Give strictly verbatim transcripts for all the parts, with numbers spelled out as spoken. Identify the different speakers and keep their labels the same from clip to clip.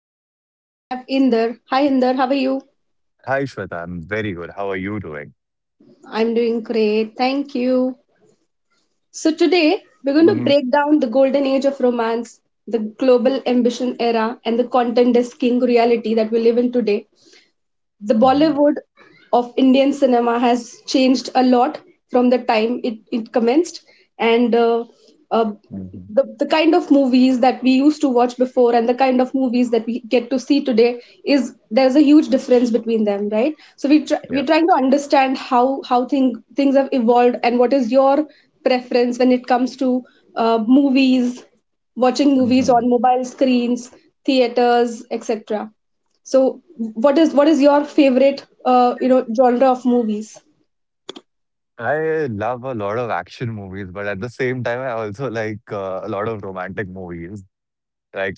Speaker 1: With me today, I have Inder. Hi, Inder. How are you?
Speaker 2: Hi, Shweta. I'm very good. How are you doing?
Speaker 1: I'm doing great. Thank you. So, today, we're going to
Speaker 2: Mm-hmm.
Speaker 1: break down the golden age of romance, the global ambition era, and the content is king reality that we live in today. The
Speaker 2: Mm-hmm.
Speaker 1: Bollywood of Indian cinema has changed a lot from the time it, it commenced. And uh, uh,
Speaker 2: Mm-hmm.
Speaker 1: the, the kind of movies that we used to watch before and the kind of movies that we get to see today, is there's a huge difference between them, right? So we try, we're
Speaker 2: Yeah.
Speaker 1: trying to understand how, how thing, things have evolved and what is your preference when it comes to uh, movies, watching movies
Speaker 2: Mm-hmm.
Speaker 1: on mobile screens, theaters, et cetera. So what is what is your favorite uh, you know genre of movies?
Speaker 2: I love a lot of action movies, but at the same time, I also like uh, a lot of romantic movies. Like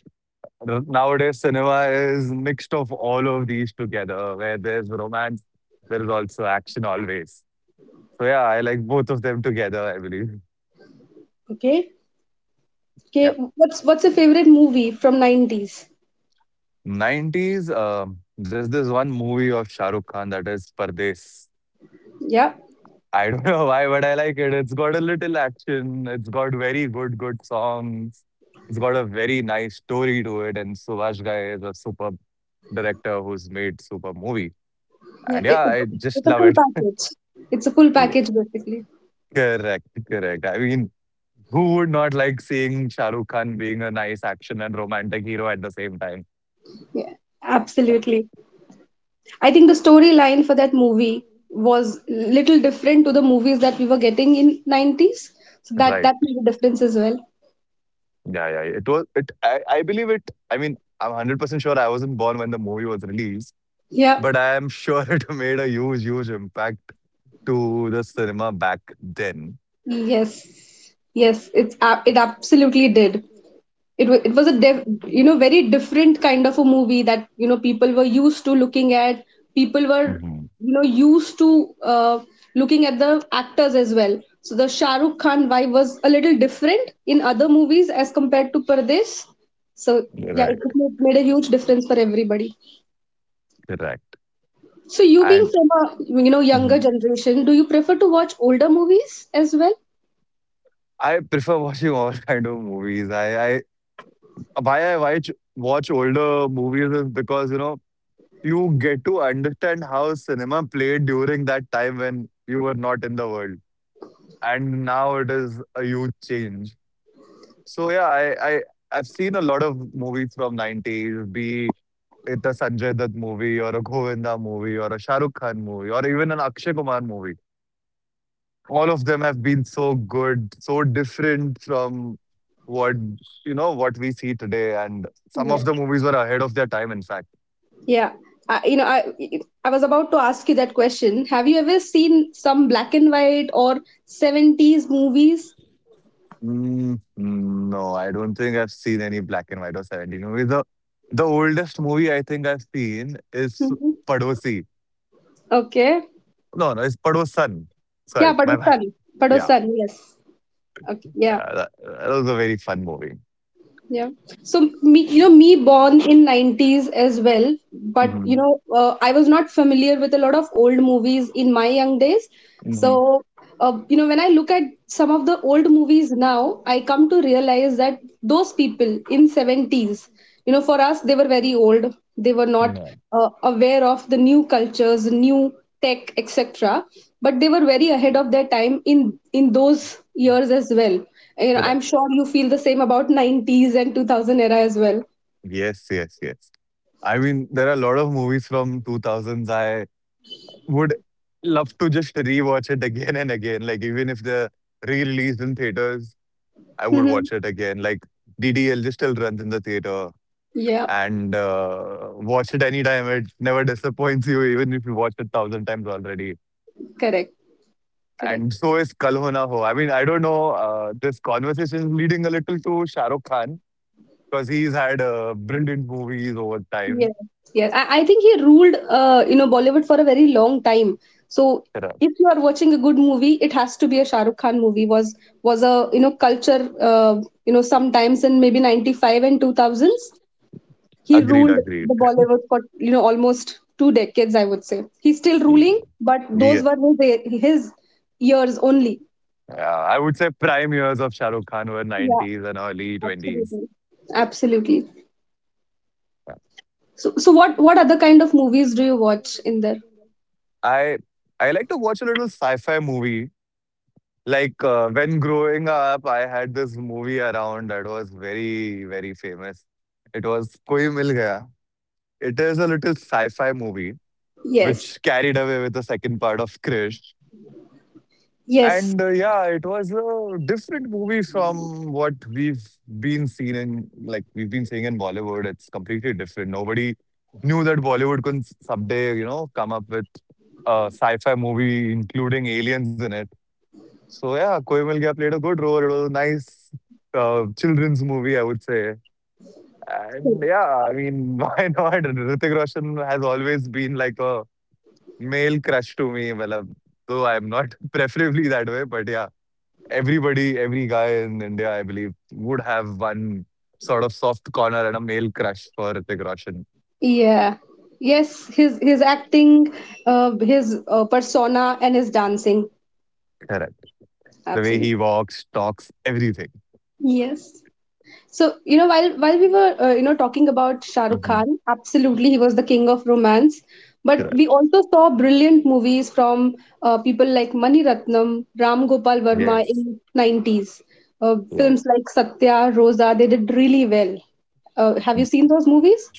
Speaker 2: r- nowadays, cinema is mixed of all of these together, where there's romance, there's also action always. So yeah, I like both of them together, I believe.
Speaker 1: Okay. Okay.
Speaker 2: Yeah.
Speaker 1: What's what's your favorite movie from nineties?
Speaker 2: nineties, um, there's this one movie of Shah Rukh Khan that is Pardes.
Speaker 1: Yeah.
Speaker 2: I don't know why, but I like it. It's got a little action. It's got very good, good songs. It's got a very nice story to it. And Subhash Ghai is a superb director who's made superb movie.
Speaker 1: Yeah.
Speaker 2: And yeah,
Speaker 1: It, it,
Speaker 2: I just
Speaker 1: it's a
Speaker 2: love
Speaker 1: full
Speaker 2: it.
Speaker 1: package. It's a full
Speaker 2: Yeah.
Speaker 1: package basically.
Speaker 2: Correct, correct. I mean, who would not like seeing Shah Rukh Khan being a nice action and romantic hero at the same time?
Speaker 1: Yeah.
Speaker 2: Yeah.
Speaker 1: Absolutely. I think the storyline for that movie was little different to the movies that we were getting in nineties. So that
Speaker 2: Right.
Speaker 1: that made a difference as well.
Speaker 2: Yeah, yeah, yeah. It was it I, I believe it. I mean, I'm hundred percent sure I wasn't born when the movie was released,
Speaker 1: Yeah.
Speaker 2: but I am sure it made a huge, huge impact to the cinema back then.
Speaker 1: Yes. Yes. It's ab- it absolutely did. It was it was a def, you know, very different kind of a movie that, you know, people were used to looking at. People were,
Speaker 2: Mhm.
Speaker 1: you know, used to uh, looking at the actors as well. So the Shah Rukh Khan vibe was a little different in other movies as compared to Pardes. So yeah,
Speaker 2: Right.
Speaker 1: it made made a huge difference for everybody.
Speaker 2: Correct.
Speaker 1: So you being
Speaker 2: And
Speaker 1: from a, you know, younger
Speaker 2: mhm.
Speaker 1: generation, do you prefer to watch older movies as well?
Speaker 2: I prefer watching all kind of movies. I, I why I watch watch older movies is because you know you get to understand how cinema played during that time when you were not in the world, and now it is a huge change. So yeah, I I I've seen a lot of movies from nineties, be it a Sanjay Dutt movie or a Govinda movie or a Shah Rukh Khan movie or even an Akshay Kumar movie. All of them have been so good, so different from what you know what we see today, and some
Speaker 1: Yes.
Speaker 2: of the movies were ahead of their time. In fact,
Speaker 1: Yeah. I, you know, I I was about to ask you that question. Have you ever seen some black and white or seventies movies?
Speaker 2: mm, no, I don't think I've seen any black and white or seventeen movie. The the oldest movie I think I've seen is
Speaker 1: Hmm.
Speaker 2: Padosi.
Speaker 1: Okay.
Speaker 2: No, no, it's Padosan.
Speaker 1: Yeah,
Speaker 2: Sorry, my
Speaker 1: Padosan.
Speaker 2: bad. Yeah,
Speaker 1: Padosan, yes. Okay. Yeah.
Speaker 2: uh, that, that was a very fun movie.
Speaker 1: Yeah. So me, you know, me born in nineties as well, but
Speaker 2: Hmm.
Speaker 1: you know, uh, I was not familiar with a lot of old movies in my young days.
Speaker 2: Hmm.
Speaker 1: So, uh, you know, when I look at some of the old movies now, I come to realize that those people in seventies, you know, for us, they were very old. They were not
Speaker 2: Yeah.
Speaker 1: uh, aware of the new cultures, new tech, et cetera. But they were very ahead of their time in in those years as well. You know, I'm
Speaker 2: Correct.
Speaker 1: sure you feel the same about nineties and two thousand era as well.
Speaker 2: Yes, yes, yes. I mean, there are a lot of movies from two thousands I would love to just rewatch it again and again. Like even if the re-released in theaters, I would
Speaker 1: Hmm.
Speaker 2: watch it again. Like D D L just still runs in the theater
Speaker 1: Yeah,
Speaker 2: and uh, watch it anytime. It never disappoints you, even if you watched it thousand times already.
Speaker 1: correct, correct.
Speaker 2: And so is Kal Ho Na Ho. I mean, I don't know. Uh, this conversation is leading a little to Shah Rukh Khan because he's had uh, brilliant movies over time.
Speaker 1: Yes, yes. I, I think he ruled, uh, you know, Bollywood for a very long time. So if you are watching a good movie, it has to be a Shah Rukh Khan movie. Was was a, you know, culture, uh, you know, sometimes in maybe ninety-five and two thousands, he
Speaker 2: Agreed,
Speaker 1: ruled
Speaker 2: agreed.
Speaker 1: the Bollywood for, you know, almost two decades. I would say he's still ruling, but
Speaker 2: Yeah.
Speaker 1: those were his his years only.
Speaker 2: Yeah, I would say prime years of Shah Rukh Khan were
Speaker 1: Yeah,
Speaker 2: nineties and early twenties.
Speaker 1: absolutely. Absolutely. So, so what what other kind of movies do you watch in there?
Speaker 2: I I like to watch a little sci-fi movie. Like uh, when growing up, I had this movie around that was very very famous. It was Koi Mil Gaya. It is a little sci-fi movie
Speaker 1: Yes.
Speaker 2: which carried away with the second part of Krish.
Speaker 1: Yes.
Speaker 2: And uh, yeah, it was a different movie from what we've been seen in, like we've been seeing in Bollywood. It's completely different. Nobody knew that Bollywood could someday, you know, come up with a sci-fi movie including aliens in it. So yeah, Koi Mil Gaya played a good role. It was a nice uh, children's movie, I would say. And yeah, I mean, why not? Hrithik Roshan has always been like a male crush to me. Well, um, though I'm not preferably that way, but yeah. Everybody, every guy in India, I believe, would have one sort of soft corner and a male crush for Hrithik Roshan.
Speaker 1: Yeah. Yes. His his acting, uh, his uh, persona, and his dancing.
Speaker 2: Correct. The way
Speaker 1: Absolutely.
Speaker 2: he walks, talks, everything.
Speaker 1: Yes. So you know, while while we were uh, you know, talking about Shah Rukh
Speaker 2: Hmm.
Speaker 1: Khan, absolutely he was the king of romance. But we
Speaker 2: Correct.
Speaker 1: also saw brilliant movies from uh, people like Mani Ratnam, Ram Gopal Verma
Speaker 2: Yes.
Speaker 1: in nineties. Uh,
Speaker 2: Yeah.
Speaker 1: films like Satya, Rosa, they did really well. Uh, have you seen those movies?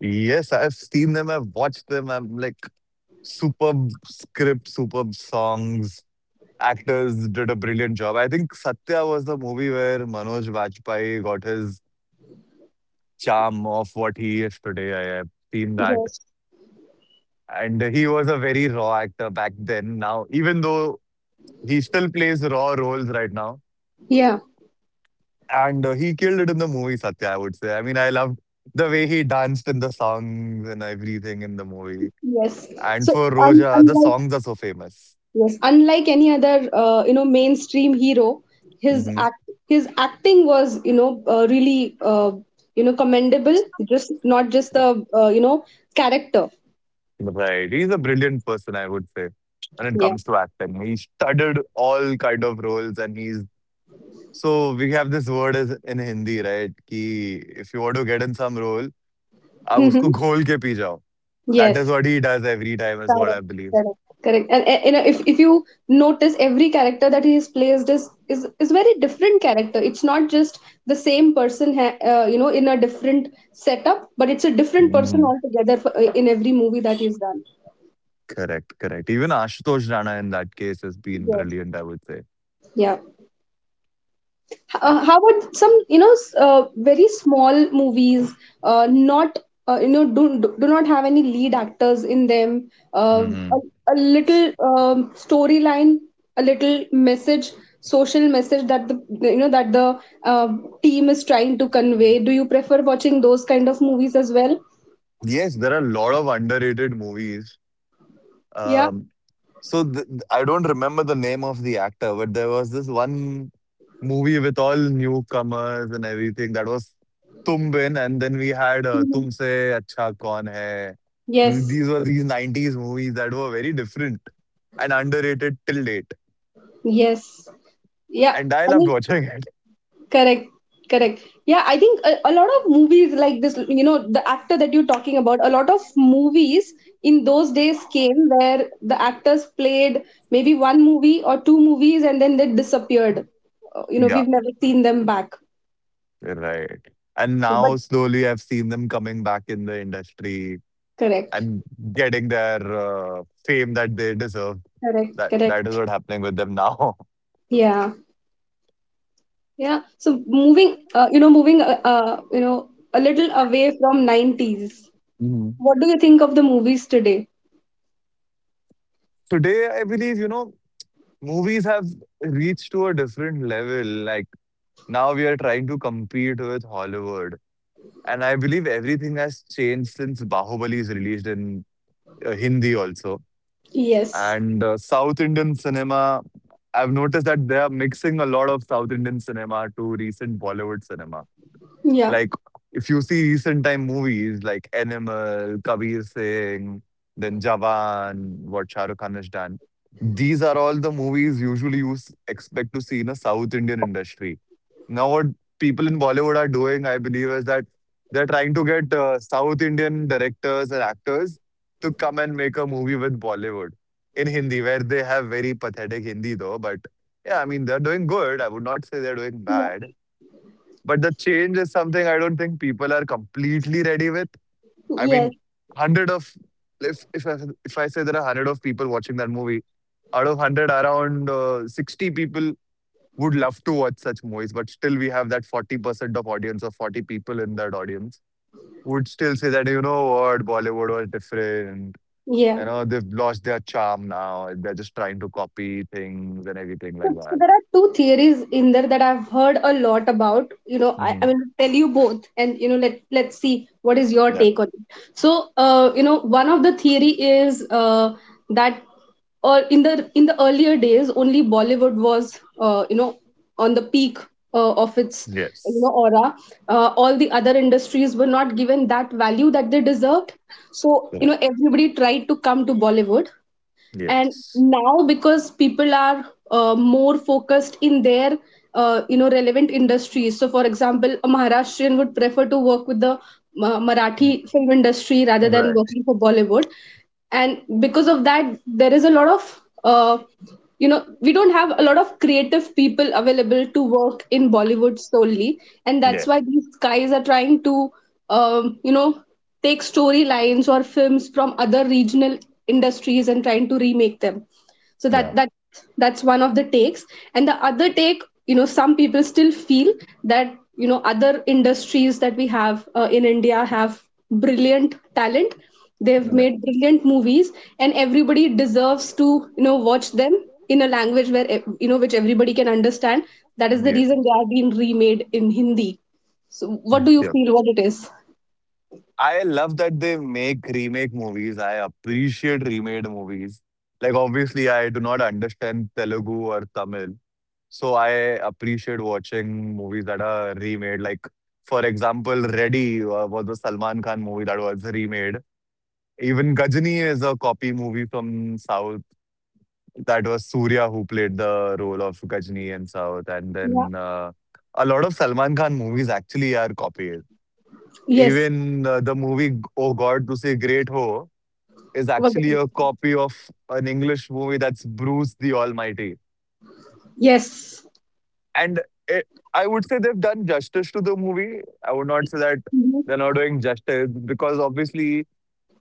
Speaker 2: Yes, I've seen them. I've watched them. I'm like superb script, superb songs. Actors did a brilliant job. I think Satya was the movie where Manoj Vajpayee got his charm of what he is today. I have seen that.
Speaker 1: Yes.
Speaker 2: And he was a very raw actor back then. Now, even though he still plays raw roles right now,
Speaker 1: Yeah.
Speaker 2: and uh, he killed it in the movie Satya, I would say. I mean, I loved the way he danced in the songs and everything in the movie.
Speaker 1: Yes.
Speaker 2: And
Speaker 1: So
Speaker 2: for
Speaker 1: un
Speaker 2: Roja, the
Speaker 1: unlike,
Speaker 2: songs are so famous.
Speaker 1: yes, unlike any other, uh, you know, mainstream hero, his
Speaker 2: Hmm.
Speaker 1: act, his acting was, you know, uh, really, uh, you know, commendable. Just not just
Speaker 2: Yeah.
Speaker 1: the, uh, you know, character.
Speaker 2: Right. He's a brilliant person, I would say, when it
Speaker 1: Yeah.
Speaker 2: comes to acting. He studied all kind of roles and he's so we have this word as in Hindi, right? Ki if you want to get in some role, आप उसको
Speaker 1: Mm-hmm.
Speaker 2: घोल के P जाओ. That is
Speaker 1: Yes.
Speaker 2: what he does every time, is what I
Speaker 1: Correct.
Speaker 2: believe.
Speaker 1: Correct. Correct. And, and you know, if if you notice, every character that he is placed is is is very different character. It's not just the same person, ha- uh, you know, in a different setup, but it's a different person
Speaker 2: Hmm.
Speaker 1: altogether for, uh, in every movie that he's done.
Speaker 2: Correct, correct. Even Ashutosh Rana in that case has been
Speaker 1: Yes.
Speaker 2: brilliant, I would say.
Speaker 1: Yeah.
Speaker 2: Eh,
Speaker 1: Uh, how about some, you know, s- uh, very small movies, uh, not uh, you know, do, do do not have any lead actors in them, uh,
Speaker 2: hmm
Speaker 1: a, a little um, storyline, a little message, social message that the, you know, that the uh, team is trying to convey. Do you prefer watching those kind of movies as well?
Speaker 2: Yes, there are a lot of underrated movies.
Speaker 1: Yeah.
Speaker 2: Um, so th- th- I don't remember the name of the actor, but there was this one movie with all newcomers and everything that was Tum Bin, and then we had uh,
Speaker 1: Mhm.
Speaker 2: Tumse Acha Kaun Hai.
Speaker 1: Yes.
Speaker 2: These were these nineties movies that were very different and underrated till date.
Speaker 1: Yes. Yeah.
Speaker 2: And I
Speaker 1: I
Speaker 2: loved
Speaker 1: mean,
Speaker 2: watching it.
Speaker 1: correct, correct. Yeah, I think a, a lot of movies like this, you know, the actor that you're talking about, a lot of movies in those days came where the actors played maybe one movie or two movies and then they disappeared. Uh, You know,
Speaker 2: Yeah,
Speaker 1: we've never seen them back.
Speaker 2: right. And
Speaker 1: But
Speaker 2: now slowly I've seen them coming back in the industry
Speaker 1: correct,
Speaker 2: and getting their uh, fame that they deserve.
Speaker 1: correct,
Speaker 2: That that is
Speaker 1: correct.
Speaker 2: what happening with them now.
Speaker 1: Yeah, yeah. So moving, uh, you know, moving, uh, uh, you know, a little away from nineties.
Speaker 2: Mhm.
Speaker 1: What do you think of the movies today?
Speaker 2: Today, I believe, you know, movies have reached to a different level. Like now we are trying to compete with Hollywood. And I believe everything has changed since Bahubali is released in uh, Hindi also.
Speaker 1: Yes.
Speaker 2: And uh, South Indian cinema, I've noticed that they are mixing a lot of South Indian cinema to recent Bollywood cinema.
Speaker 1: Yeah.
Speaker 2: Like, if you see recent time movies like Animal, Kabir Singh, then Jawan, what Shah Rukh Khan has done, these are all the movies usually you s- expect to see in a South Indian industry. Now, what people in Bollywood are doing, I believe, is that they're trying to get uh, South Indian directors and actors to come and make a movie with Bollywood in Hindi, where they have very pathetic Hindi, though. But yeah, I mean, they're doing good. I would not say they're doing
Speaker 1: Yeah.
Speaker 2: bad. But the change is something I don't think people are completely ready with. I
Speaker 1: Yes.
Speaker 2: mean, hundred of if if I, if I say there are hundred of people watching that movie, out of hundred, around uh, sixty people would love to watch such movies. But still, we have that forty percent of audience of forty people in that audience would still say that you know what Bollywood was different.
Speaker 1: Yeah.
Speaker 2: You know they've lost their charm now. They're just trying to copy things and everything
Speaker 1: So,
Speaker 2: like
Speaker 1: so
Speaker 2: that.
Speaker 1: there are two theories in there that I've heard a lot about. You know, I, I
Speaker 2: Hmm.
Speaker 1: will tell you both, and you know, let let's see what is your
Speaker 2: Yeah.
Speaker 1: take on it. So, uh, you know, one of the theory is uh, that, or in the in the earlier days, only Bollywood was, uh, you know, on the peak uh, of its, you
Speaker 2: Yes.
Speaker 1: know, aura. Uh, all the other industries were not given that value that they deserved. So, you
Speaker 2: Correct.
Speaker 1: know, everybody tried to come to Bollywood. And
Speaker 2: Yes.
Speaker 1: now because people are uh, more focused in their, uh, you know, relevant industries. So for example, a Maharashtrian would prefer to work with the uh, Marathi film industry rather than
Speaker 2: Right.
Speaker 1: working for Bollywood. And because of that, there is a lot of, uh, you know, we don't have a lot of creative people available to work in Bollywood solely. And that's
Speaker 2: Yeah.
Speaker 1: why these guys are trying to um, you know, take storylines or films from other regional industries and trying to remake them. So
Speaker 2: Yeah.
Speaker 1: that that that's one of the takes. And the other take, you know, some people still feel that, you know, other industries that we have, uh, in India, have brilliant talent. They've
Speaker 2: Yeah.
Speaker 1: made brilliant movies, and everybody deserves to, you know, watch them in a language where, ev- you know, which everybody can understand. That is the
Speaker 2: Yeah.
Speaker 1: reason they are being remade in Hindi. So what do you
Speaker 2: Yeah.
Speaker 1: feel what it is?
Speaker 2: I love that they make remake movies. I appreciate remade movies. Like obviously I do not understand Telugu or Tamil. So I appreciate watching movies that are remade. Like for example, Ready uh, was a Salman Khan movie that was remade. Even Gajani is a copy movie from South. That was Surya who played the role of Gajani in South. And
Speaker 1: Yeah.
Speaker 2: then uh, a lot of Salman Khan movies actually are copied.
Speaker 1: Yes.
Speaker 2: Even uh, the movie Oh God, to say Great Ho is
Speaker 1: What
Speaker 2: actually
Speaker 1: the-?
Speaker 2: a copy of an English movie that's Bruce the Almighty.
Speaker 1: Yes.
Speaker 2: And it, I would say they've done justice to the movie. I would not say that
Speaker 1: Mhm.
Speaker 2: they're not doing justice because obviously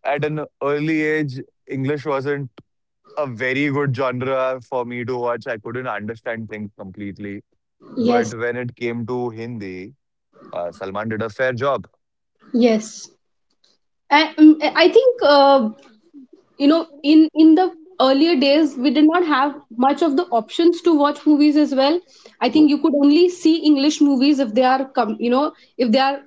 Speaker 2: at an early age, English wasn't a very good genre for me to watch. I couldn't understand things completely. But
Speaker 1: Yes.
Speaker 2: when it came to Hindi, uh, Salman did a fair job.
Speaker 1: Yes. I, um, I think, uh, you know, in in the earlier days, we did not have much of the options to watch movies as well. I think you could only see English movies if they are come, you know, if they are,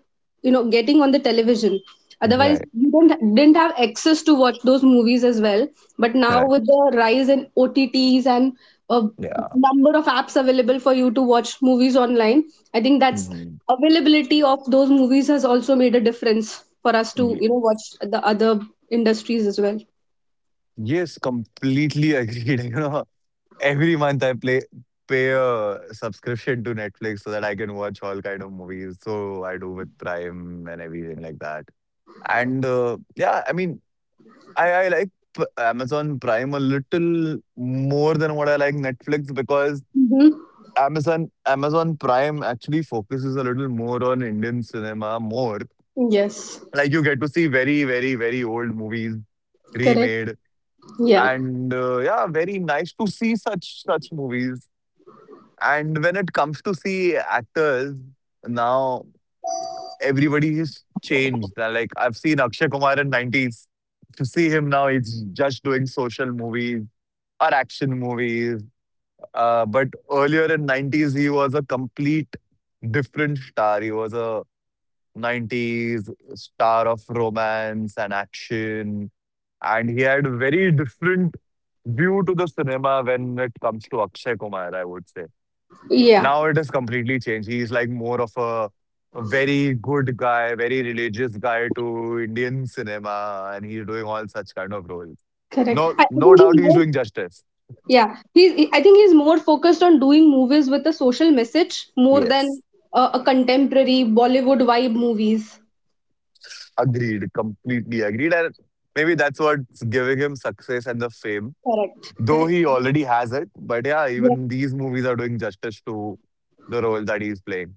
Speaker 1: you know, getting on the television. Otherwise,
Speaker 2: Right,
Speaker 1: you don't didn't have access to watch those movies as well. But now
Speaker 2: correct.
Speaker 1: with the rise in OTTs and a
Speaker 2: Yeah.
Speaker 1: number of apps available for you to watch movies online, I think that's
Speaker 2: Mhm.
Speaker 1: availability of those movies has also made a difference for us to, you
Speaker 2: Yeah.
Speaker 1: know, watch the other industries as well.
Speaker 2: Yes, completely agreed. You know, every month I play pay a subscription to Netflix so that I can watch all kind of movies. So I do with Prime and everything like that. And uh, yeah, I mean, I I like P- Amazon Prime a little more than what I like Netflix because
Speaker 1: Mm-hmm.
Speaker 2: Amazon Amazon Prime actually focuses a little more on Indian cinema more.
Speaker 1: Yes,
Speaker 2: Like you get to see very very very old movies
Speaker 1: correct.
Speaker 2: remade.
Speaker 1: Yeah,
Speaker 2: And uh, yeah, very nice to see such such movies. And when it comes to see actors, now everybody is changed. Uh, Like I've seen Akshay Kumar in nineties. To see him now, he's just doing social movies or action movies. Uh, but earlier in nineties, he was a complete different star. He was a nineties star of romance and action and he had very different view to the cinema when it comes to Akshay Kumar, I would say.
Speaker 1: yeah,
Speaker 2: Now it has completely changed. He's like more of a, a very good guy, very religious guy to Indian cinema, and he's doing all such kind of roles.
Speaker 1: correct.
Speaker 2: No,
Speaker 1: I, I
Speaker 2: no
Speaker 1: think he's
Speaker 2: doubt he's
Speaker 1: more.
Speaker 2: doing justice.
Speaker 1: Yeah, he's. he- I think he's more focused on doing movies with a social message more than
Speaker 2: Yes,
Speaker 1: uh, a contemporary Bollywood vibe movies.
Speaker 2: agreed, completely agreed. And maybe that's what's giving him success and the fame,
Speaker 1: Correct.
Speaker 2: though
Speaker 1: Correct.
Speaker 2: he already has it. But yeah,
Speaker 1: Yeah.
Speaker 2: even these movies are doing justice to the role that he's playing.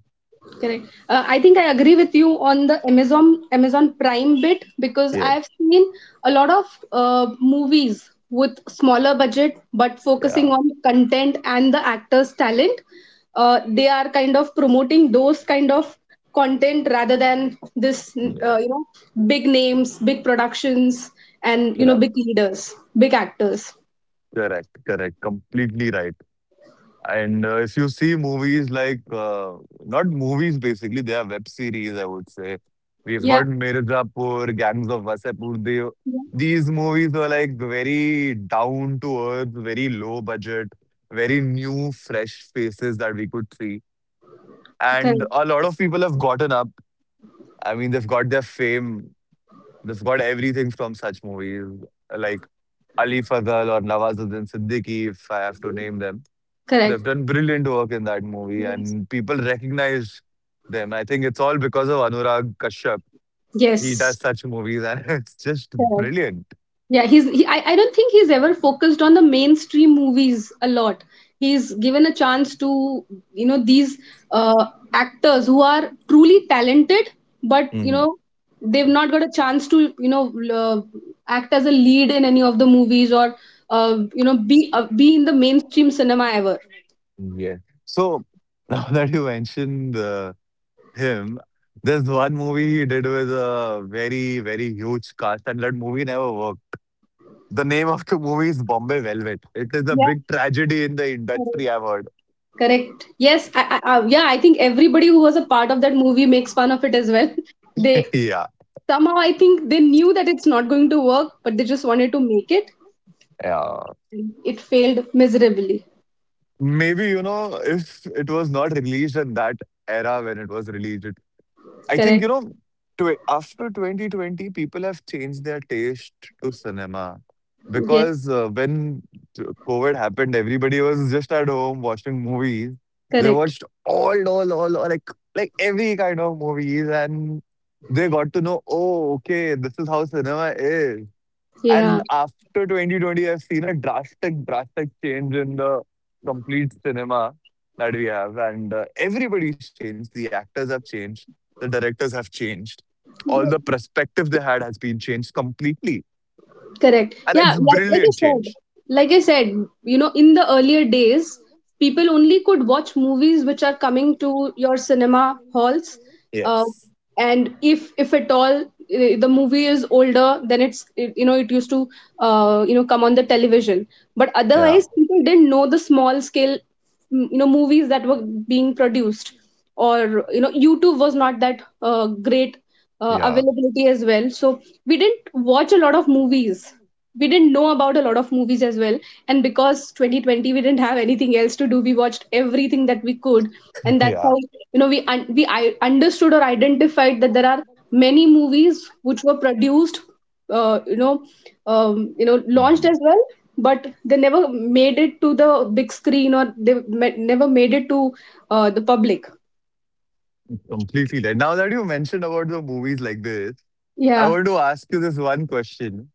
Speaker 1: Correct. Uh, I think I agree with you on the Amazon Amazon Prime bit because I
Speaker 2: Yeah,
Speaker 1: have seen a lot of uh, movies with smaller budget but focusing
Speaker 2: yeah.
Speaker 1: on content and the actors' talent. Uh, they are kind of promoting those kind of content rather than this, uh, you know, big names, big productions, and you know,
Speaker 2: Correct,
Speaker 1: big leaders, big actors.
Speaker 2: correct, correct. Completely right. And uh, if you see movies like, uh, not movies basically, they are web series, I would say. We've
Speaker 1: Yeah,
Speaker 2: got Mirzapur, Gangs of Wasapur. They, these movies were like very down to earth, very low budget, very new, fresh faces that we could see. And
Speaker 1: correct,
Speaker 2: a lot of people have gotten up. I mean, they've got their fame, they've got everything from such movies. Like Ali Fazal or Nawazuddin Siddiqui, if I have to name them.
Speaker 1: correct.
Speaker 2: They've done brilliant work in that movie,
Speaker 1: Yes,
Speaker 2: and people recognize them. I think it's all because of Anurag Kashyap. He
Speaker 1: yes.
Speaker 2: does such movies, and it's just brilliant.
Speaker 1: Yeah, he's. He, I, I don't think he's ever focused on the mainstream movies a lot. He's given a chance to, you know, these uh, actors who are truly talented, but you
Speaker 2: Mhm.
Speaker 1: know, they've not got a chance to, you know, uh, act as a lead in any of the movies or uh, you know, be uh, be in the mainstream cinema ever.
Speaker 2: Yeah. So now that you mentioned uh, him, there's one movie he did with a very, very huge cast, and that movie never worked. The name of the movie is Bombay Velvet. It is a
Speaker 1: Yeah,
Speaker 2: big tragedy in the industry,
Speaker 1: correct.
Speaker 2: I've heard.
Speaker 1: Correct. Yes, I, I, I, yeah, I think everybody who was a part of that movie makes fun of it as well. They
Speaker 2: Yeah.
Speaker 1: somehow, I think they knew that it's not going to work, but they just wanted to make it.
Speaker 2: Yeah.
Speaker 1: It failed miserably.
Speaker 2: Maybe, you know, if it was not released at that era when it was released, it, I think,
Speaker 1: Correct.
Speaker 2: you know, tw after twenty twenty, people have changed their taste to cinema
Speaker 1: Yes.
Speaker 2: because uh, when t- COVID happened, everybody was just at home watching movies. They
Speaker 1: Correct.
Speaker 2: watched all, all, all, all like like every kind of movies, and they got to know, oh, okay, this is how cinema is.
Speaker 1: Yeah.
Speaker 2: And after twenty twenty, I've seen a drastic, drastic change in the complete cinema that we have. And uh, everybody's changed. The actors have changed. The directors have changed. All the perspective they had has been changed completely.
Speaker 1: Correct.
Speaker 2: And it's
Speaker 1: Yeah.
Speaker 2: a
Speaker 1: Like, like I
Speaker 2: brilliant
Speaker 1: said,
Speaker 2: change.
Speaker 1: like I said, you know, in the earlier days, people only could watch movies which are coming to your cinema halls. Uh,
Speaker 2: Yes.
Speaker 1: and if if at all, eh, the movie is older, then it's it, you know, it used to, uh, you know, come on the television. But
Speaker 2: Yeah.
Speaker 1: otherwise, people didn't know the small scale, mm, you know, movies that were being produced, or you know, YouTube was not that uh, great uh,
Speaker 2: Yeah.
Speaker 1: availability as well. So we didn't watch a lot of movies. We didn't know about a lot of movies as well, and because twenty twenty we didn't have anything else to do, we watched everything that we could. And that's
Speaker 2: Yeah.
Speaker 1: how you know we un- we I understood or identified that there are many movies which were produced, uh, you know um, you know launched
Speaker 2: Mhm.
Speaker 1: as well, but they never made it to the big screen, or they ma- never made it to uh, the public.
Speaker 2: Completely. Right. Now that you mentioned about the movies like this, I
Speaker 1: Yeah.
Speaker 2: want to ask you this one question.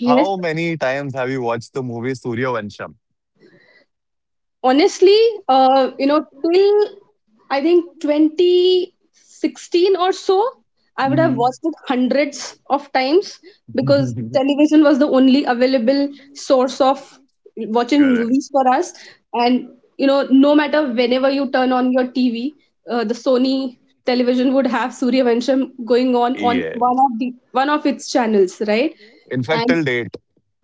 Speaker 1: Yes,
Speaker 2: How many times have you watched the movie Surya Vansham?
Speaker 1: honestly, uh, you know till I think twenty sixteen or so, I would have
Speaker 2: Hmm.
Speaker 1: watched it hundreds of times, because television was the only available source of watching
Speaker 2: Correct.
Speaker 1: movies for us. And you know, no matter whenever you turn on your TV, uh, the Sony television would have Surya Vansham going on on
Speaker 2: Yeah.
Speaker 1: one of the, one of its channels, right?
Speaker 2: In fact,
Speaker 1: And
Speaker 2: till date.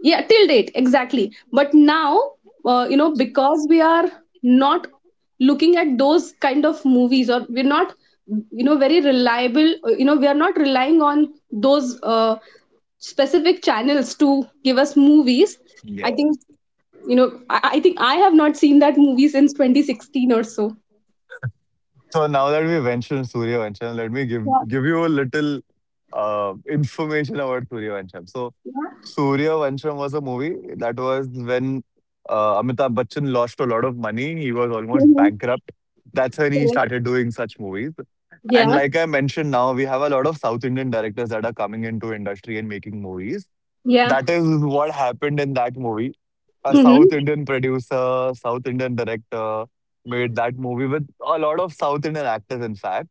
Speaker 1: yeah, till date, exactly. But now, uh, you know because we are not looking at those kind of movies, or we're not, you know, very reliable, uh, you know we are not relying on those uh, specific channels to give us movies. I
Speaker 2: Yeah.
Speaker 1: think, you know, i, I think I have not seen that movie since twenty sixteen or so.
Speaker 2: So now that we mentioned Surya Vancham, let me give
Speaker 1: Yeah.
Speaker 2: give you a little uh, information about Surya Vancham. So Surya Vancham was a movie that was when uh, Amitabh Bachchan lost a lot of money. He was almost
Speaker 1: Mhm.
Speaker 2: bankrupt. That's when he
Speaker 1: Correct.
Speaker 2: started doing such movies. And
Speaker 1: Yeah,
Speaker 2: like I mentioned, now we have a lot of South Indian directors that are coming into industry and making movies.
Speaker 1: yeah.
Speaker 2: That is what happened in that movie. A South
Speaker 1: Hmm.
Speaker 2: Indian producer, South Indian director made that movie with a lot of South Indian actors, in fact.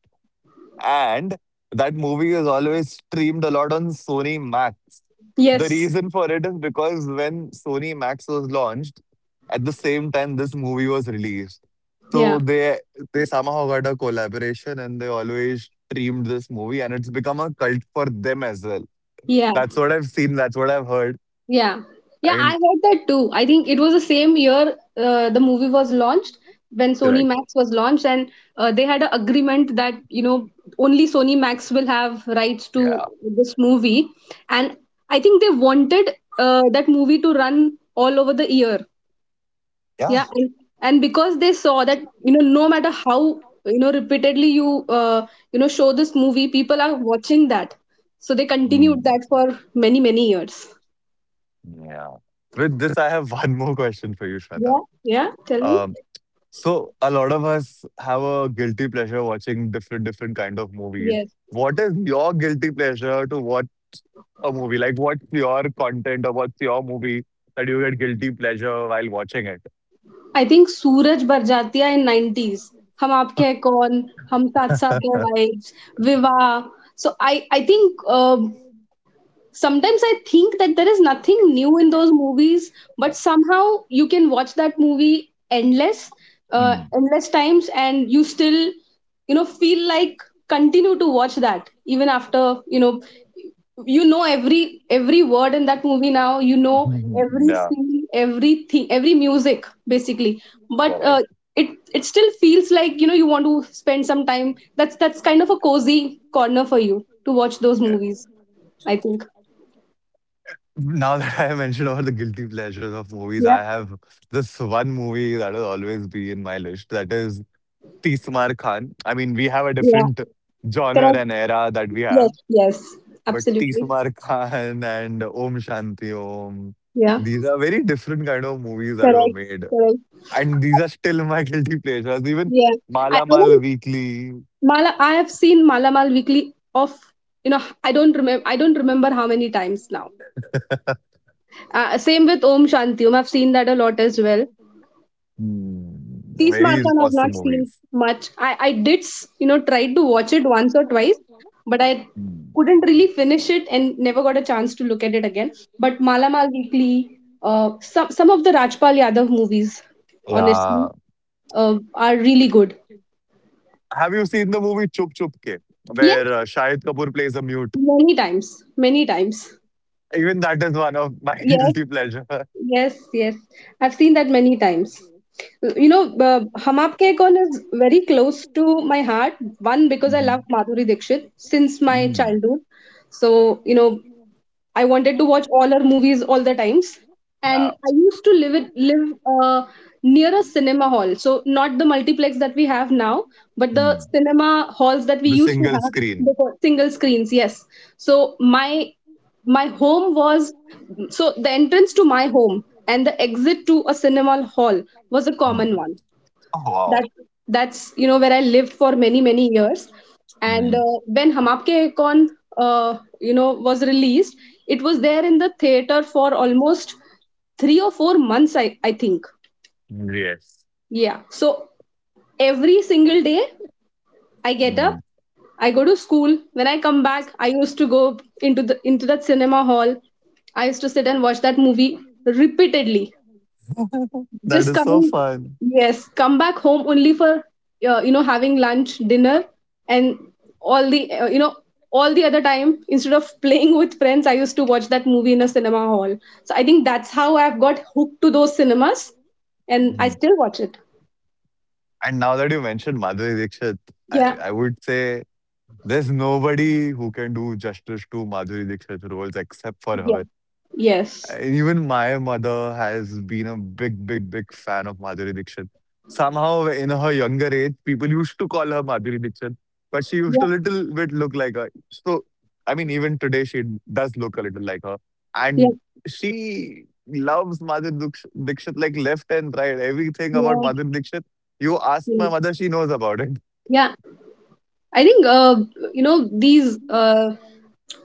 Speaker 2: And that movie is always streamed a lot on Sony Max. The
Speaker 1: Yes.
Speaker 2: reason for it is because when Sony Max was launched, at the same time this movie was released. So
Speaker 1: Yeah,
Speaker 2: they they somehow got a collaboration and they always streamed this movie and it's become a cult for them as well.
Speaker 1: yeah.
Speaker 2: That's what I've seen, that's what I've heard.
Speaker 1: Yeah.
Speaker 2: I
Speaker 1: Yeah, I
Speaker 2: mean,
Speaker 1: heard that too. I think it was the same year uh, the movie was launched, when Sony
Speaker 2: correct.
Speaker 1: Max was launched. And uh, they had an agreement that, you know, only Sony Max will have rights to
Speaker 2: Yeah.
Speaker 1: this movie. And I think they wanted uh, that movie to run all over the year.
Speaker 2: Yeah.
Speaker 1: Yeah. And, and because they saw that, you know, no matter how, you know, repeatedly you, uh, you know, show this movie, people are watching that. So they continued
Speaker 2: Mm.
Speaker 1: that for many, many years.
Speaker 2: With this, I have one more question for you, Shweta.
Speaker 1: Yeah, yeah, tell me.
Speaker 2: Um, so a lot of us have a guilty pleasure watching different different kind of movies.
Speaker 1: Yes.
Speaker 2: What is your guilty pleasure to watch a movie? Like, what's your content or what's your movie that you get guilty pleasure while watching it?
Speaker 1: I think Suraj Barjatia in nineties. Hum aapke hai kaun, hum saath saath hai vibes, Viva. So I, I think um sometimes I think that there is nothing new in those movies, but somehow you can watch that movie endless, uh,
Speaker 2: Mm.
Speaker 1: endless times, and you still, you know, feel like continue to watch that even after, you know, you know every every word in that movie, now you know every
Speaker 2: Yeah,
Speaker 1: scene, everything, every music basically. But uh,
Speaker 2: correct.
Speaker 1: it it still feels like, you know, you want to spend some time. that's that's kind of a cozy corner for you to watch those
Speaker 2: Yeah.
Speaker 1: movies, I think.
Speaker 2: Now that I have mentioned all the guilty pleasures of movies,
Speaker 1: Yeah,
Speaker 2: I have this one movie that will always be in my list. That is Tismar Khan. I mean, we have a
Speaker 1: yeah.
Speaker 2: different genre
Speaker 1: Correct.
Speaker 2: and era that we have,
Speaker 1: Yes, yes.
Speaker 2: but
Speaker 1: Absolutely.
Speaker 2: Tismar Khan and Om Shanti Om,
Speaker 1: Yeah.
Speaker 2: these are very different kind of movies that were
Speaker 1: Correct,
Speaker 2: made,
Speaker 1: correct.
Speaker 2: and these are still my guilty pleasures. Even
Speaker 1: Yeah. i,
Speaker 2: Mala
Speaker 1: I
Speaker 2: Mal
Speaker 1: don't.
Speaker 2: Weekly,
Speaker 1: Mala I have seen Malamal Weekly of, you know, i don't remember I don't remember how many times now. Uh, same with Om Shanti Om. I've seen that a lot as well.
Speaker 2: hmm,
Speaker 1: Peace
Speaker 2: very
Speaker 1: Marchan I've
Speaker 2: awesome
Speaker 1: not seen
Speaker 2: movies.
Speaker 1: much. I, I did, s- you know, try to watch it once or twice, but I
Speaker 2: Hmm.
Speaker 1: couldn't really finish it and never got a chance to look at it again. But Mala Mal Weekly, uh, some, some of the Rajpal Yadav movies, honestly,
Speaker 2: Yeah.
Speaker 1: uh, are really good.
Speaker 2: Have you seen the movie Chup Chup Ke,
Speaker 1: Yes,
Speaker 2: where uh, Shahid Kapoor plays a mute?
Speaker 1: many times. Many times.
Speaker 2: Even that is one of my
Speaker 1: Yes,
Speaker 2: guilty pleasure.
Speaker 1: yes, yes. I've seen that many times. You know, uh, Hum Aapke Kaun is very close to my heart. One, because I love
Speaker 2: Mhm.
Speaker 1: Madhuri Dixit since my
Speaker 2: Hmm.
Speaker 1: childhood. So, you know, I wanted to watch all her movies all the times. And
Speaker 2: Yeah.
Speaker 1: I used to live it, live uh, near a cinema hall. So not the multiplex that we have now, but the cinema halls that we
Speaker 2: The
Speaker 1: used to
Speaker 2: single
Speaker 1: have
Speaker 2: screen.
Speaker 1: before single screens. Yes. So my my home was, so the entrance to my home and the exit to a cinema hall was a
Speaker 2: Hmm.
Speaker 1: common one.
Speaker 2: Oh,
Speaker 1: That
Speaker 2: wow.
Speaker 1: that's, you know, where I lived for many, many years. And
Speaker 2: Mm.
Speaker 1: uh, when Hum Aapke Hain Kaun uh, you know was released, it was there in the theater for almost three or four months. I I think.
Speaker 2: Yes.
Speaker 1: Yeah. So every single day I get up,
Speaker 2: Mm.
Speaker 1: I go to school. When I come back, I used to go into the into that cinema hall. I used to sit and watch that movie repeatedly,
Speaker 2: That
Speaker 1: just
Speaker 2: is so
Speaker 1: coming,
Speaker 2: fun.
Speaker 1: yes, come back home only for uh, you know having lunch, dinner, and all the uh, you know all the other time instead of playing with friends, I used to watch that movie in a cinema hall. So I think that's how I've got hooked to those cinemas, and I
Speaker 2: Mm.
Speaker 1: still watch it.
Speaker 2: And now that you mentioned Madhuri Dixit, I,
Speaker 1: Yeah.
Speaker 2: I would say there's nobody who can do justice to Madhuri Dixit's roles except for
Speaker 1: Yeah.
Speaker 2: her.
Speaker 1: Yes.
Speaker 2: And even my mother has been a big, big, big fan of Madhuri Dixit. Somehow, in her younger age, people used to call her Madhuri Dixit, but she used
Speaker 1: Yeah.
Speaker 2: to little bit look like her. So, I mean, even today, she does look a little like her.
Speaker 1: Yeah.
Speaker 2: And she loves Madhuri Dux- Dixit like left and right. Everything about
Speaker 1: Yeah.
Speaker 2: Madhuri Dixit, you ask
Speaker 1: yeah,
Speaker 2: my mother, she knows about it.
Speaker 1: yeah. I think uh, you know these uh,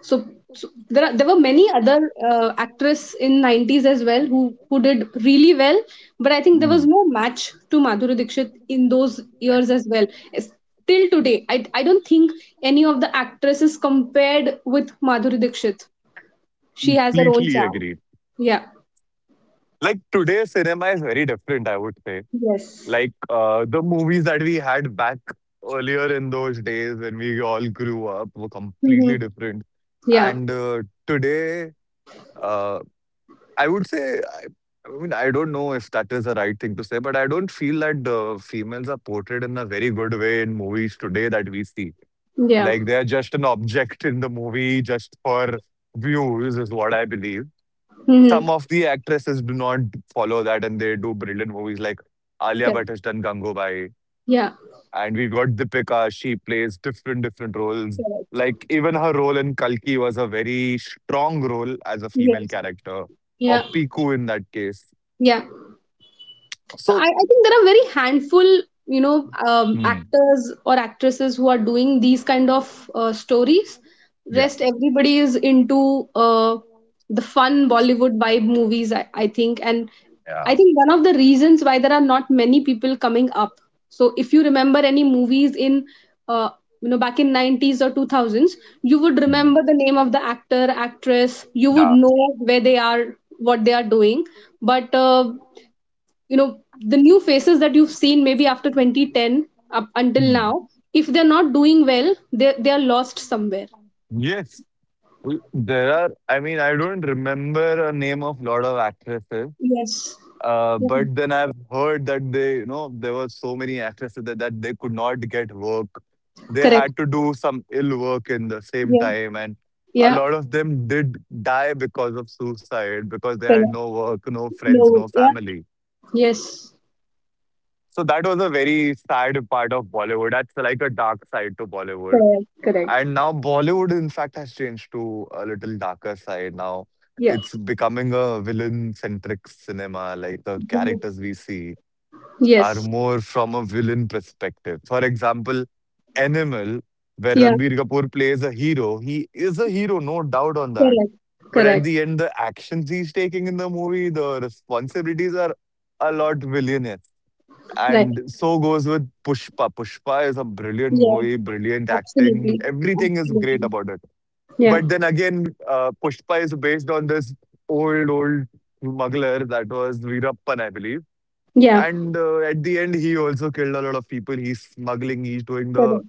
Speaker 1: So, so there are, there were many other uh, actress in nineties as well who who did really well, but I think there was
Speaker 2: Mm.
Speaker 1: no match to Madhuri Dixit in those years
Speaker 2: I
Speaker 1: as well. It's, till today, I I don't think any of the actresses compared with Madhuri Dixit. She has her own
Speaker 2: completely
Speaker 1: charm.
Speaker 2: agree.
Speaker 1: Yeah.
Speaker 2: Like today, cinema is very different, I would say.
Speaker 1: Yes.
Speaker 2: Like uh, the movies that we had back earlier in those days when we all grew up were completely
Speaker 1: Hmm.
Speaker 2: different.
Speaker 1: Yeah.
Speaker 2: And uh, today, uh, I would say, I, I mean, I don't know if that is the right thing to say, but I don't feel that the females are portrayed in a very good way in movies today that we see.
Speaker 1: Yeah.
Speaker 2: Like they're just an object in the movie just for views, is what I believe.
Speaker 1: Hmm.
Speaker 2: Some of the actresses do not follow that and they do brilliant movies like Alia
Speaker 1: Correct.
Speaker 2: Bhatt has done Gangubai
Speaker 1: Yeah.
Speaker 2: and we got Deepika. She plays different different roles.
Speaker 1: Correct.
Speaker 2: Like even her role in Kalki was a very strong role as a female
Speaker 1: Yes.
Speaker 2: character, or
Speaker 1: Yeah.
Speaker 2: Piku in that case.
Speaker 1: Yeah. So I,
Speaker 2: So
Speaker 1: I think there are very handful, you know, um,
Speaker 2: hmm,
Speaker 1: actors or actresses who are doing these kind of uh, stories.
Speaker 2: yeah,
Speaker 1: Rest, everybody is into uh, the fun Bollywood vibe movies, I, I think. And
Speaker 2: yeah,
Speaker 1: I think one of the reasons why there are not many people coming up. So if you remember any movies in, uh, you know, back in nineties or two thousands, you would
Speaker 2: hmm,
Speaker 1: remember the name of the actor, actress. You would
Speaker 2: yeah.
Speaker 1: know where they are, what they are doing. But uh, you know the new faces that you've seen maybe after twenty ten up until
Speaker 2: Hmm.
Speaker 1: now, if they're not doing well, they they are lost somewhere.
Speaker 2: Yes, we- there are. I mean, I don't remember a name of lot of actresses.
Speaker 1: Yes.
Speaker 2: Uh,
Speaker 1: Yeah.
Speaker 2: but then I've heard that they, you know, there were so many actresses that, that they could not get work. They
Speaker 1: Correct.
Speaker 2: had to do some ill work in the same
Speaker 1: Yeah.
Speaker 2: time, and a
Speaker 1: Yeah.
Speaker 2: lot of them did die because of suicide because they had
Speaker 1: Correct.
Speaker 2: no work, no
Speaker 1: No.
Speaker 2: friends, no
Speaker 1: Yeah.
Speaker 2: family.
Speaker 1: Yes.
Speaker 2: So that was a very sad part of Bollywood. That's like a dark side to Bollywood.
Speaker 1: Correct, correct.
Speaker 2: And now Bollywood, in fact, has changed to a little darker side now.
Speaker 1: Yeah.
Speaker 2: It's becoming a villain centric cinema, like the
Speaker 1: Mhm.
Speaker 2: characters we see are
Speaker 1: Yes.
Speaker 2: more from a villain perspective. For example, Animal, where
Speaker 1: Yeah.
Speaker 2: Ranbir Kapoor plays a hero, he is a hero, no doubt on that.
Speaker 1: Correct,
Speaker 2: But at
Speaker 1: correct.
Speaker 2: the end, the actions he's taking in the movie, the responsibilities are a lot villainous.
Speaker 1: Right.
Speaker 2: And so goes with Pushpa. Pushpa is a brilliant
Speaker 1: Yeah.
Speaker 2: movie, brilliant acting.
Speaker 1: Absolutely,
Speaker 2: Everything is great
Speaker 1: absolutely.
Speaker 2: about it.
Speaker 1: Yeah.
Speaker 2: But then again, uh, Pushpa is based on this old, old smuggler that was Veerappan, I believe,
Speaker 1: Yeah.
Speaker 2: and uh, at the end, he also killed a lot of people. He's smuggling, he's doing the
Speaker 1: Correct.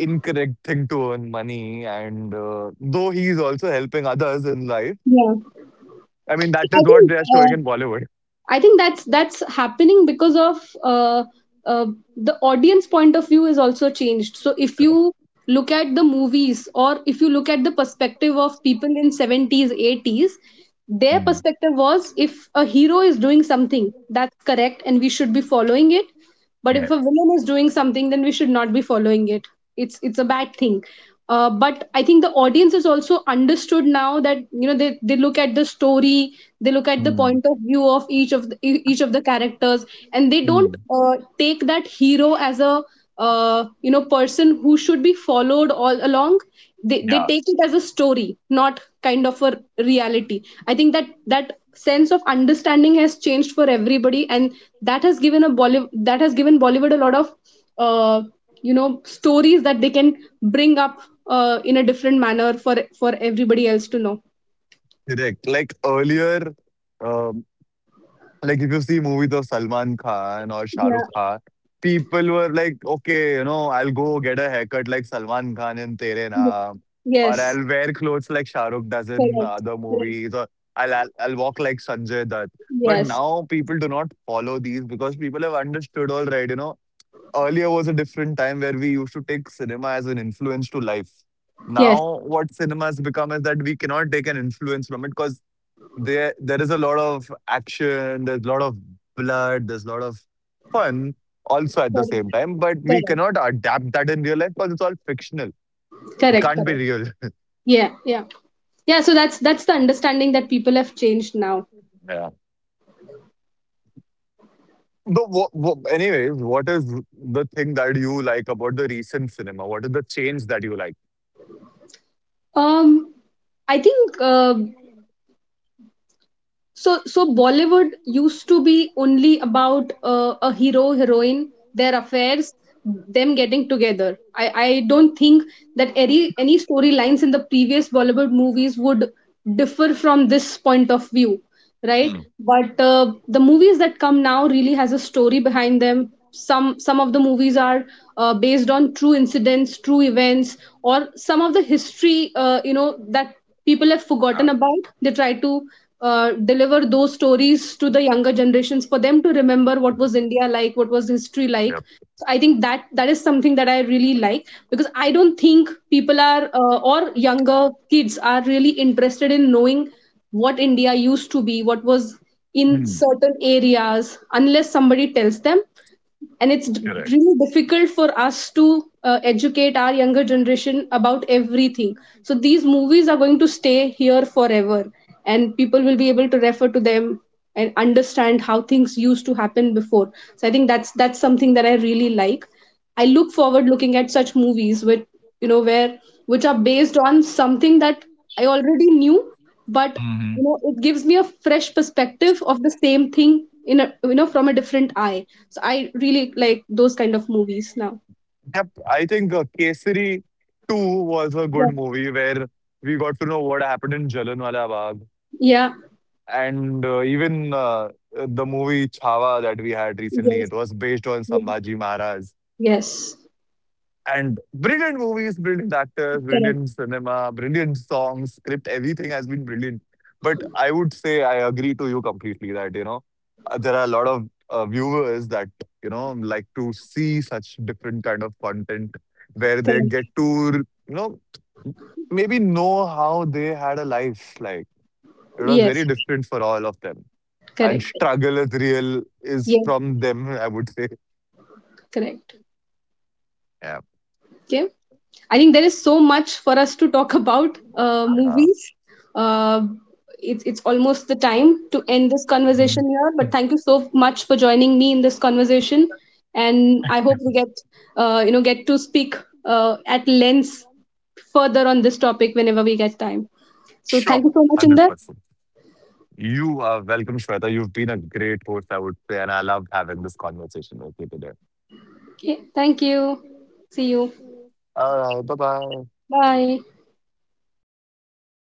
Speaker 2: incorrect thing to earn money. And uh, though he's also helping others in life,
Speaker 1: Yeah.
Speaker 2: I mean,
Speaker 1: So
Speaker 2: that is
Speaker 1: I
Speaker 2: what
Speaker 1: think
Speaker 2: they are showing
Speaker 1: uh,
Speaker 2: in Bollywood.
Speaker 1: I think that's that's happening because of uh, uh, the audience point of view is also changed. So if you look at the movies, or if you look at the perspective of people in seventies, eighties, their
Speaker 2: Mm.
Speaker 1: perspective was, if a hero is doing something, that's correct and we should be following it. But if a
Speaker 2: Yes.
Speaker 1: villain is doing something, then we should not be following it. it's it's a bad thing. Uh, but I think the audience is also understood now that, you know, they, they look at the story, they look at the
Speaker 2: Mm,
Speaker 1: point of view of each of the, e- each of the characters, and they don't
Speaker 2: mm.
Speaker 1: uh, take that hero as a uh, you know, person who should be followed all along. they, they
Speaker 2: Yeah.
Speaker 1: take it as a story, not kind of a reality. I think that that sense of understanding has changed for everybody, and that has given a bollywood that has given Bollywood a lot of uh, you know stories that they can bring up uh, in a different manner for for everybody else to know.
Speaker 2: Correct. Like earlier, um, like if you see movies of Salman Khan or Shah Rukh
Speaker 1: Yeah,
Speaker 2: Khan, people were like, okay, you know, I'll go get a haircut like Salman Khan in Tere
Speaker 1: yeah.
Speaker 2: Naam, or
Speaker 1: Yes.
Speaker 2: I'll wear clothes like Shah Rukh does in
Speaker 1: Correct,
Speaker 2: other
Speaker 1: correct.
Speaker 2: movies, or I'll I'll, I'll walk like Sanjay Dutt. But
Speaker 1: Yes,
Speaker 2: now people do not follow these because people have understood all right. You know, earlier was a different time where we used to take cinema as an influence to life.
Speaker 1: yes.
Speaker 2: Now, what cinema has become is that we cannot take an influence from it because there there is a lot of action, there's a lot of blood, there's a lot of fun also at the
Speaker 1: Correct,
Speaker 2: same time, but we
Speaker 1: correct.
Speaker 2: cannot adapt that in real life because it's all fictional. It
Speaker 1: Correct,
Speaker 2: can't be
Speaker 1: correct.
Speaker 2: real.
Speaker 1: Yeah, yeah. Yeah. So that's that's the understanding that people have changed now.
Speaker 2: Yeah. But what, what, anyways, what is the thing that you like about the recent cinema? What is the change that you like?
Speaker 1: um I think uh, so so Bollywood used to be only about uh, a hero, heroine, their affairs, them getting together. I i don't think that any any storylines in the previous Bollywood movies would differ from this point of view, right?
Speaker 2: Mm.
Speaker 1: But uh, the movies that come now really has a story behind them. Some some of the movies are uh, based on true incidents, true events, or some of the history uh, you know that people have forgotten
Speaker 2: Yeah.
Speaker 1: about. They try to uh, deliver those stories to the younger generations for them to remember what was India like, what was history like.
Speaker 2: Yep.
Speaker 1: So I think that that is something that I really like, because I don't think people are, uh, or younger kids are really interested in knowing what India used to be, what was in
Speaker 2: Hmm.
Speaker 1: certain areas, unless somebody tells them. And it's d-
Speaker 2: Correct.
Speaker 1: really difficult for us to uh, educate our younger generation about everything. So these movies are going to stay here forever, and people will be able to refer to them and understand how things used to happen before. So I think that's that's something that I really like. I look forward looking at such movies with, you know, where, which are based on something that I already knew, but you know, it gives me a fresh perspective of the same thing in a, you know, from a different eye. So I really like those kind of movies now.
Speaker 2: Yep, I think uh, Kesari two was a good
Speaker 1: Yes.
Speaker 2: movie where we got to know what happened in Jallianwala Bagh.
Speaker 1: Yeah.
Speaker 2: And uh, even uh, the movie Chhava that we had recently,
Speaker 1: Yes.
Speaker 2: it was based on Sambhaji Maharaj.
Speaker 1: Yes.
Speaker 2: And brilliant movies, brilliant actors, brilliant
Speaker 1: Correct.
Speaker 2: cinema, brilliant songs, script, everything has been brilliant. But I would say I agree to you completely that, you know, uh, there are a lot of uh, viewers that, you know, like to see such different kind of content where they
Speaker 1: Correct.
Speaker 2: get to, you know, maybe know how they had a life. Like it was
Speaker 1: Yes.
Speaker 2: very different for all of them and
Speaker 1: Correct.
Speaker 2: struggle is real is
Speaker 1: Yes.
Speaker 2: from them, I would say.
Speaker 1: Correct.
Speaker 2: Yeah.
Speaker 1: Okay. I think there is so much for us to talk about uh,
Speaker 2: Yeah.
Speaker 1: movies. Uh, it's it's almost the time to end this
Speaker 2: Mhm.
Speaker 1: conversation here. But thank you so much for joining me in this conversation, and I hope we get uh, you know get to speak uh, at length further on this topic whenever we get time. So
Speaker 2: Sure.
Speaker 1: thank you so much, Inder.
Speaker 2: one hundred percent. You are welcome, Shweta. You've been a great host, I would say, and I love having this conversation with you today.
Speaker 1: Okay, thank you. See you.
Speaker 2: All right. Bye bye.
Speaker 1: Bye.